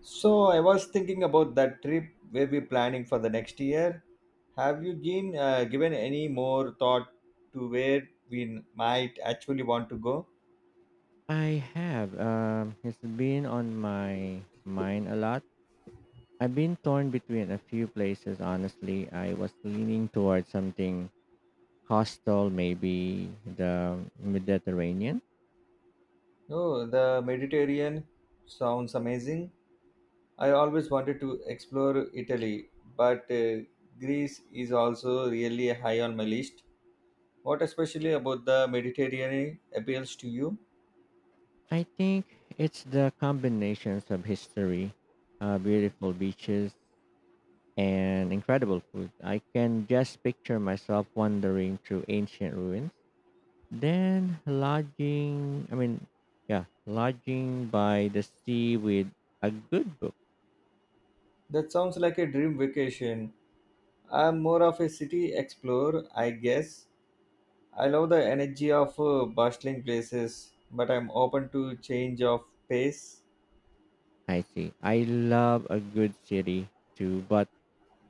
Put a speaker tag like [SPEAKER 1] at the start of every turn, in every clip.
[SPEAKER 1] So I was thinking about that trip we'll be planning for the next year. Have you been given any more thought to where we might actually want to go?
[SPEAKER 2] I have. It's been on my mind a lot. I've been torn between a few places, honestly. I was leaning towards something hostile, maybe the Mediterranean.
[SPEAKER 1] Oh, the Mediterranean sounds amazing. I always wanted to explore Italy, but Greece is also really high on my list. What especially about the Mediterranean appeals to you?
[SPEAKER 2] I think it's the combinations of history, beautiful beaches, and incredible food. I can just picture myself wandering through ancient ruins. Then lodging, I mean, yeah, lodging by the sea with a good book.
[SPEAKER 1] That sounds like a dream vacation. I'm more of a city explorer, I guess I love the energy of bustling places, but I'm open to change of pace.
[SPEAKER 2] I see. I love a good city too, but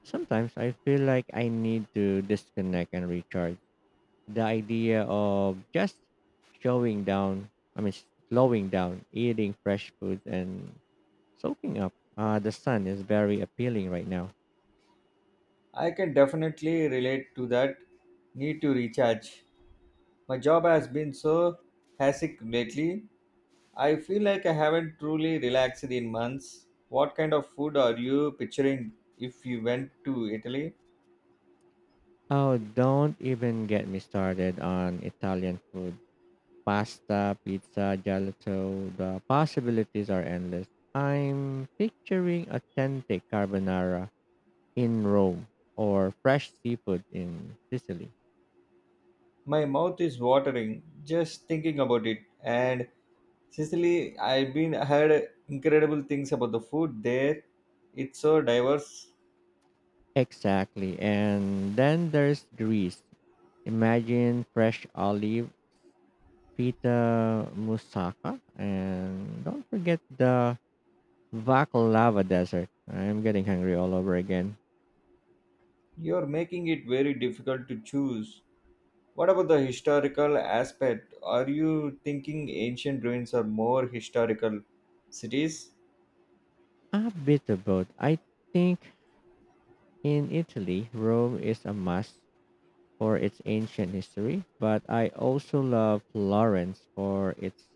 [SPEAKER 2] sometimes I feel like I need to disconnect and recharge. The idea of just I mean, slowing down, eating fresh food and soaking up the sun is very appealing right now.
[SPEAKER 1] I can definitely relate to that need to recharge. My job has been so hectic lately. I feel like I haven't truly relaxed in months. What kind of food are you picturing if you went to Italy?
[SPEAKER 2] Oh, don't even get me started on Italian food. Pasta, pizza, gelato, the possibilities are endless. I'm picturing authentic carbonara in Rome or fresh seafood in Sicily.
[SPEAKER 1] My mouth is watering just thinking about it. And Sicily, I've been heard incredible things about the food there. It's so diverse.
[SPEAKER 2] Exactly. And then there's Greece. Imagine fresh olive, pita moussaka, and don't forget the Baklava Desert. I'm getting hungry all over again.
[SPEAKER 1] You're making it very difficult to choose. What about the historical aspect? Are you thinking ancient ruins are more historical cities?
[SPEAKER 2] A bit of both. I think in Italy, Rome is a must, for its ancient history, but I also love Florence for its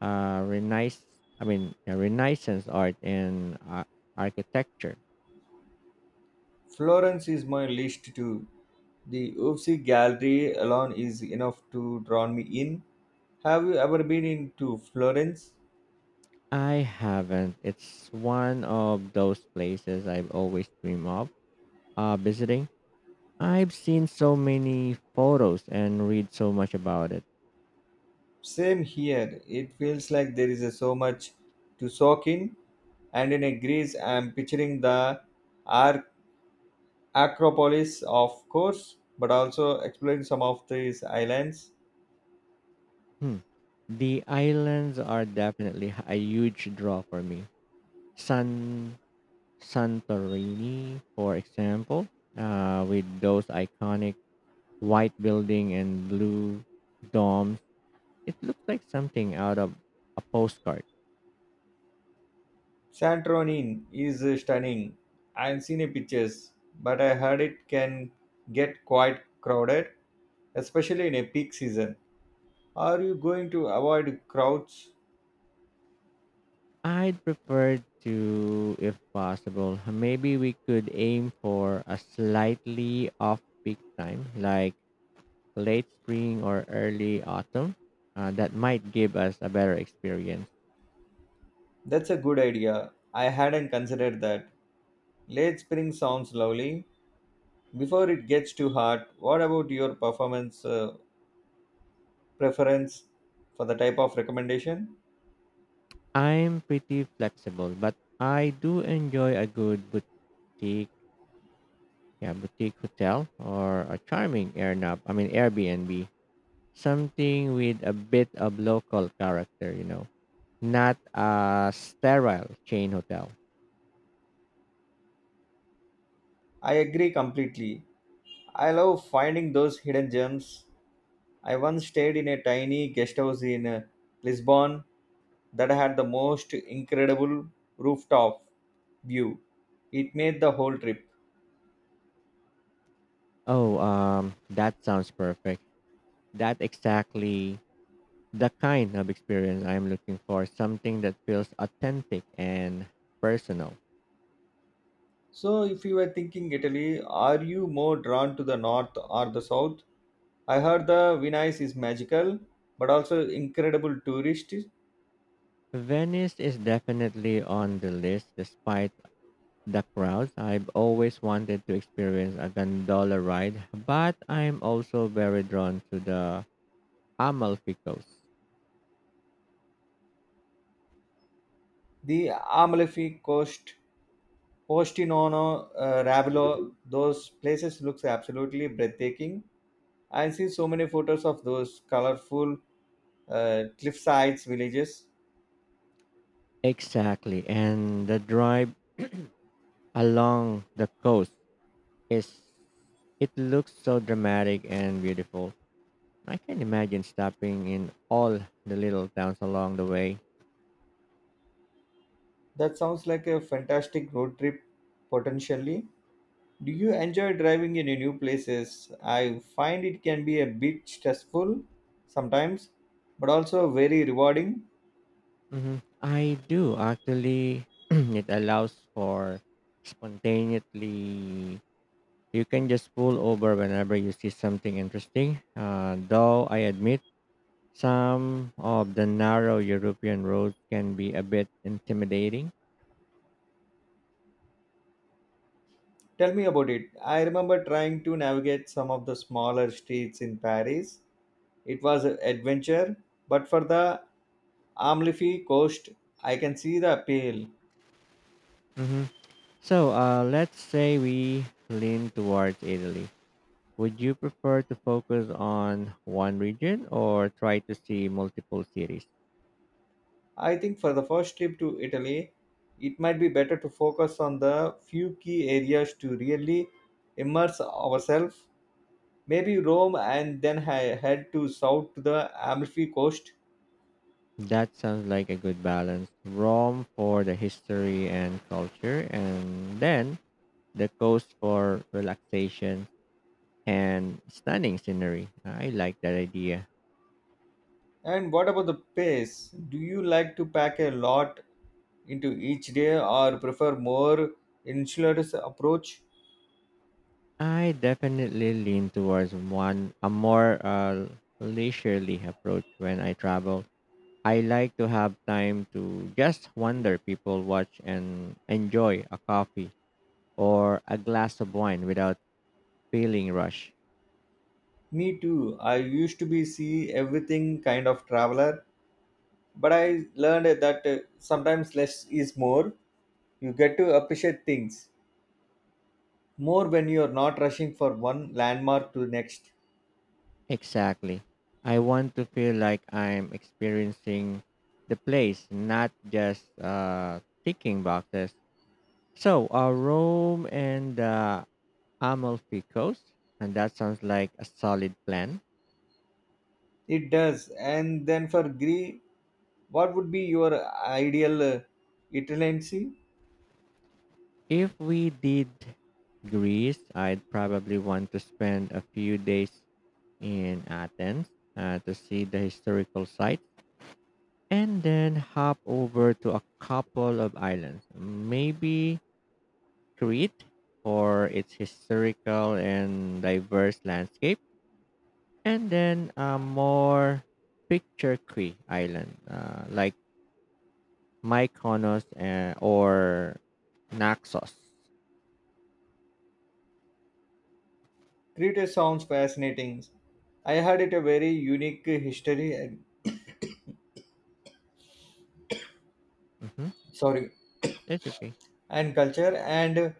[SPEAKER 2] renaissance. I mean, Renaissance art and architecture.
[SPEAKER 1] Florence is my list too. The Uffizi Gallery alone is enough to draw me in. Have you ever been into Florence?
[SPEAKER 2] I haven't. It's one of those places I've always dreamed of visiting. I've seen so many photos and read so much about it.
[SPEAKER 1] Same here. It feels like there is a so much to soak in. And in a Greece, I'm picturing the Acropolis, of course, but also exploring some of these islands.
[SPEAKER 2] Hmm. The islands are definitely a huge draw for me. San Santorini, for example, with those iconic white building and blue domes, it looks like something out of a postcard.
[SPEAKER 1] Santorini is stunning. I've seen a pictures, but I heard it can get quite crowded, especially in a peak season. Are you going to avoid crowds?
[SPEAKER 2] I'd prefer to, if possible, maybe we could aim for a slightly off peak time, like late spring or early autumn. That might give us a better experience.
[SPEAKER 1] That's a good idea. I hadn't considered that. Late spring sounds lovely. Before it gets too hot, what about your performance preference for the type of recommendation?
[SPEAKER 2] I'm pretty flexible, but I do enjoy a good boutique, yeah, boutique hotel or a charming airnap. I mean Airbnb, something with a bit of local character, not a sterile chain hotel.
[SPEAKER 1] I agree completely. I love finding those hidden gems. I once stayed in a tiny guest house in Lisbon that had the most incredible rooftop view. It made the whole trip.
[SPEAKER 2] Oh, that sounds perfect. That exactly the kind of experience I'm looking for. Something that feels authentic and personal.
[SPEAKER 1] So, if you were thinking Italy, are you more drawn to the north or the south? I heard the Venice is magical but also incredible tourist.
[SPEAKER 2] Venice is definitely on the list, despite the crowds. I've always wanted to experience a gondola ride, but I'm also very drawn to the Amalfi Coast.
[SPEAKER 1] The Amalfi Coast Postinono, Ravello, those places looks absolutely breathtaking. I see so many photos of those colorful cliff sides, villages.
[SPEAKER 2] Exactly, and the drive along the coast is it looks so dramatic and beautiful. I can imagine stopping in all the little towns along the way.
[SPEAKER 1] That sounds like a fantastic road trip potentially. Do you enjoy driving in new places? I find it can be a bit stressful sometimes, but also very rewarding.
[SPEAKER 2] I do actually. It allows for spontaneously. You can just pull over whenever you see something interesting. Though I admit, some of the narrow European roads can be a bit intimidating.
[SPEAKER 1] Tell me about it. I remember trying to navigate some of the smaller streets in Paris. It was an adventure, but for the Amalfi Coast, I can see the appeal.
[SPEAKER 2] hmm So let's say we lean towards Italy. Would you prefer to focus on one region or try to see multiple cities?
[SPEAKER 1] I think for the first trip to Italy, it might be better to focus on the few key areas to really immerse ourselves. Maybe Rome and then head to south to the Amalfi Coast.
[SPEAKER 2] That sounds like a good balance. Rome for the history and culture, and then the coast for relaxation and stunning scenery. I like that idea.
[SPEAKER 1] And what about the pace? Do you like to pack a lot into each day or prefer more insular approach?
[SPEAKER 2] I definitely lean towards one a more leisurely approach when I travel. I like to have time to just wander, people watch, and enjoy a coffee or a glass of wine without feeling rushed.
[SPEAKER 1] Me too. I used to be see everything kind of traveler, but I learned that sometimes less is more. You get to appreciate things more when you are not rushing for one landmark to next.
[SPEAKER 2] Exactly. I want to feel like I'm experiencing the place, not just ticking boxes. So, Rome and Amalfi Coast, and that sounds like a solid plan.
[SPEAKER 1] It does, and then for gree, what would be your ideal itinerancy?
[SPEAKER 2] If we did Greece, I'd probably want to spend a few days in Athens to see the historical sites and then hop over to a couple of islands, maybe Crete for its historical and diverse landscape, and then a more picturesque island like Mykonos or Naxos.
[SPEAKER 1] Crete sounds fascinating. I heard it a very unique history and
[SPEAKER 2] Hmm.
[SPEAKER 1] sorry
[SPEAKER 2] It's okay.
[SPEAKER 1] and culture and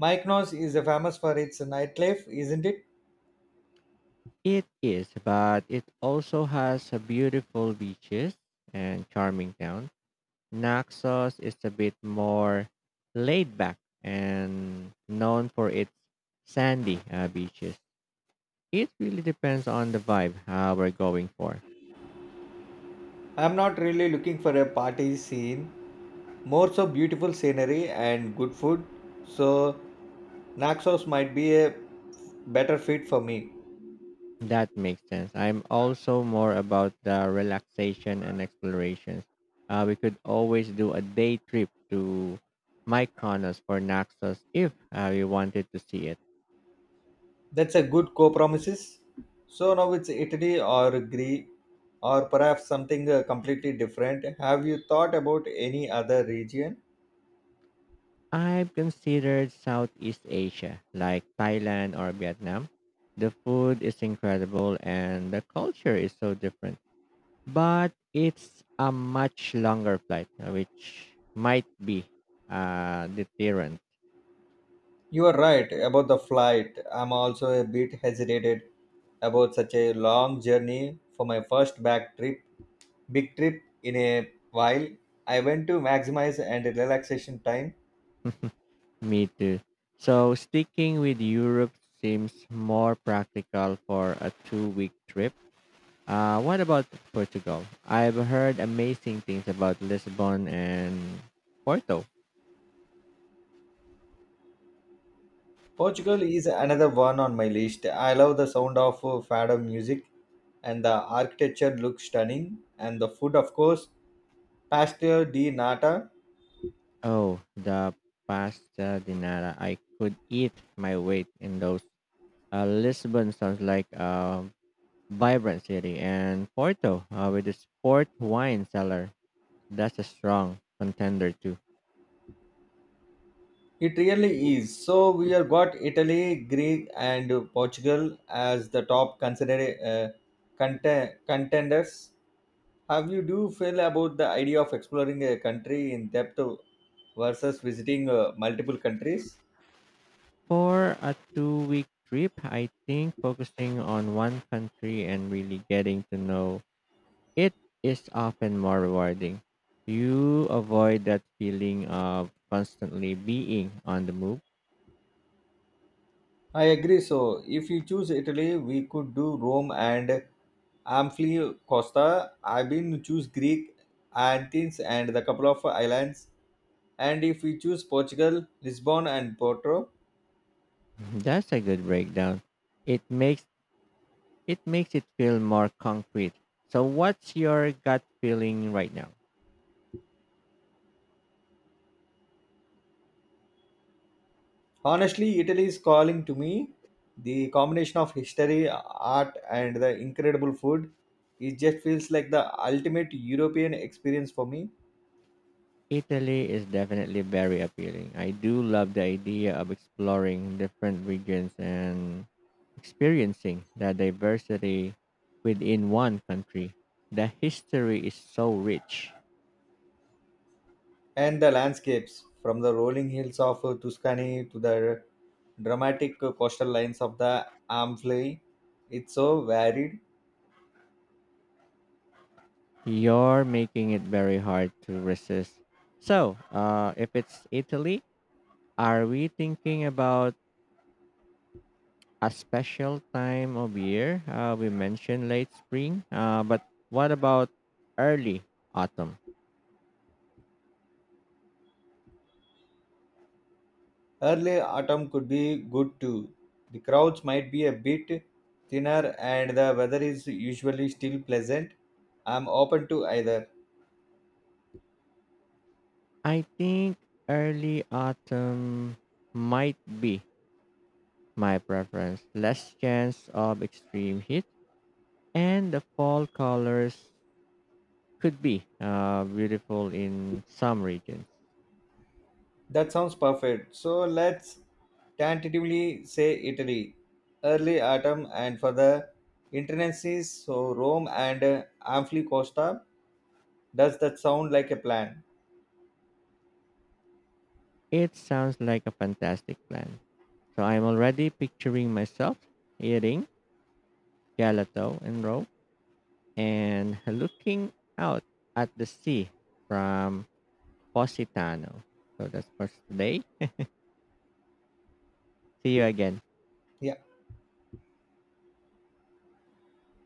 [SPEAKER 1] mykonos is famous for its nightlife, isn't it?
[SPEAKER 2] It is, but it also has a beautiful beaches and charming town. Naxos is a bit more laid back and known for its sandy beaches. It really depends on the vibe we're going for.
[SPEAKER 1] I'm not really looking for a party scene, more so beautiful scenery and good food. So Naxos might be a better fit for me.
[SPEAKER 2] That makes sense. I'm also more about the relaxation and explorations. We could always do a day trip to Mykonos or Naxos if we wanted to see it.
[SPEAKER 1] That's a good co-promises. So now it's Italy or Greece, or perhaps something completely different. Have you thought about any other region?
[SPEAKER 2] I've considered Southeast Asia, like Thailand or Vietnam. The food is incredible and the culture is so different. But it's a much longer flight, which might be a deterrent.
[SPEAKER 1] You are right about the flight. I'm also a bit hesitated about such a long journey for my first back trip, big trip in a while. I went to maximize and relaxation time.
[SPEAKER 2] Me too. So sticking with Europe seems more practical for a two-week trip. What about Portugal? I've heard amazing things about Lisbon and Porto.
[SPEAKER 1] Portugal is another one on my list. I love the sound of fado music, and the architecture looks stunning, and the food, of course, pasta di nata.
[SPEAKER 2] Oh, the pasta di nata. I could eat my weight in those. Lisbon sounds like a vibrant city, and Porto with its port wine cellar, that's a strong contender too.
[SPEAKER 1] It really is. So we have got Italy, Greece, and Portugal as the top consider uh, contenders. Have you do feel about the idea of exploring a country in depth versus visiting multiple countries?
[SPEAKER 2] For a 2-week trip, I think focusing on one country and really getting to know it is often more rewarding. You avoid that feeling of constantly being on the move.
[SPEAKER 1] I agree. So, if you choose Italy, we could do Rome and Amphi Costa. I've been choose Greek Athens and the couple of islands. And if we choose Portugal, Lisbon and Porto.
[SPEAKER 2] Mhm, that's a good breakdown. It makes it makes it feel more concrete. So what's your gut feeling right now?
[SPEAKER 1] Honestly, Italy is calling to me. The combination of history, art, and the incredible food, it just feels like the ultimate European experience for me.
[SPEAKER 2] Italy is definitely very appealing. I do love the idea of exploring different regions and experiencing the diversity within one country. The history is so rich.
[SPEAKER 1] And the landscapes, from the rolling hills of Tuscany to the dramatic coastal lines of the Amphi, it's so varied.
[SPEAKER 2] You're making it very hard to resist. So, if it's Italy, are we thinking about a special time of year? We mentioned late spring, but what about early autumn?
[SPEAKER 1] Early autumn could be good too. The crowds might be a bit thinner, and the weather is usually still pleasant. I'm open to either.
[SPEAKER 2] I think early autumn might be my preference. Less chance of extreme heat and the fall colors could be beautiful in some regions.
[SPEAKER 1] That sounds perfect. So let's tentatively say Italy, early autumn, and for the internacies, so Rome and Amphicosta. Does that sound like a plan?
[SPEAKER 2] It sounds like a fantastic plan. So I'm already picturing myself eating gelato and roe and looking out at the sea from Positano. So that's for today. See you again.
[SPEAKER 1] Yeah.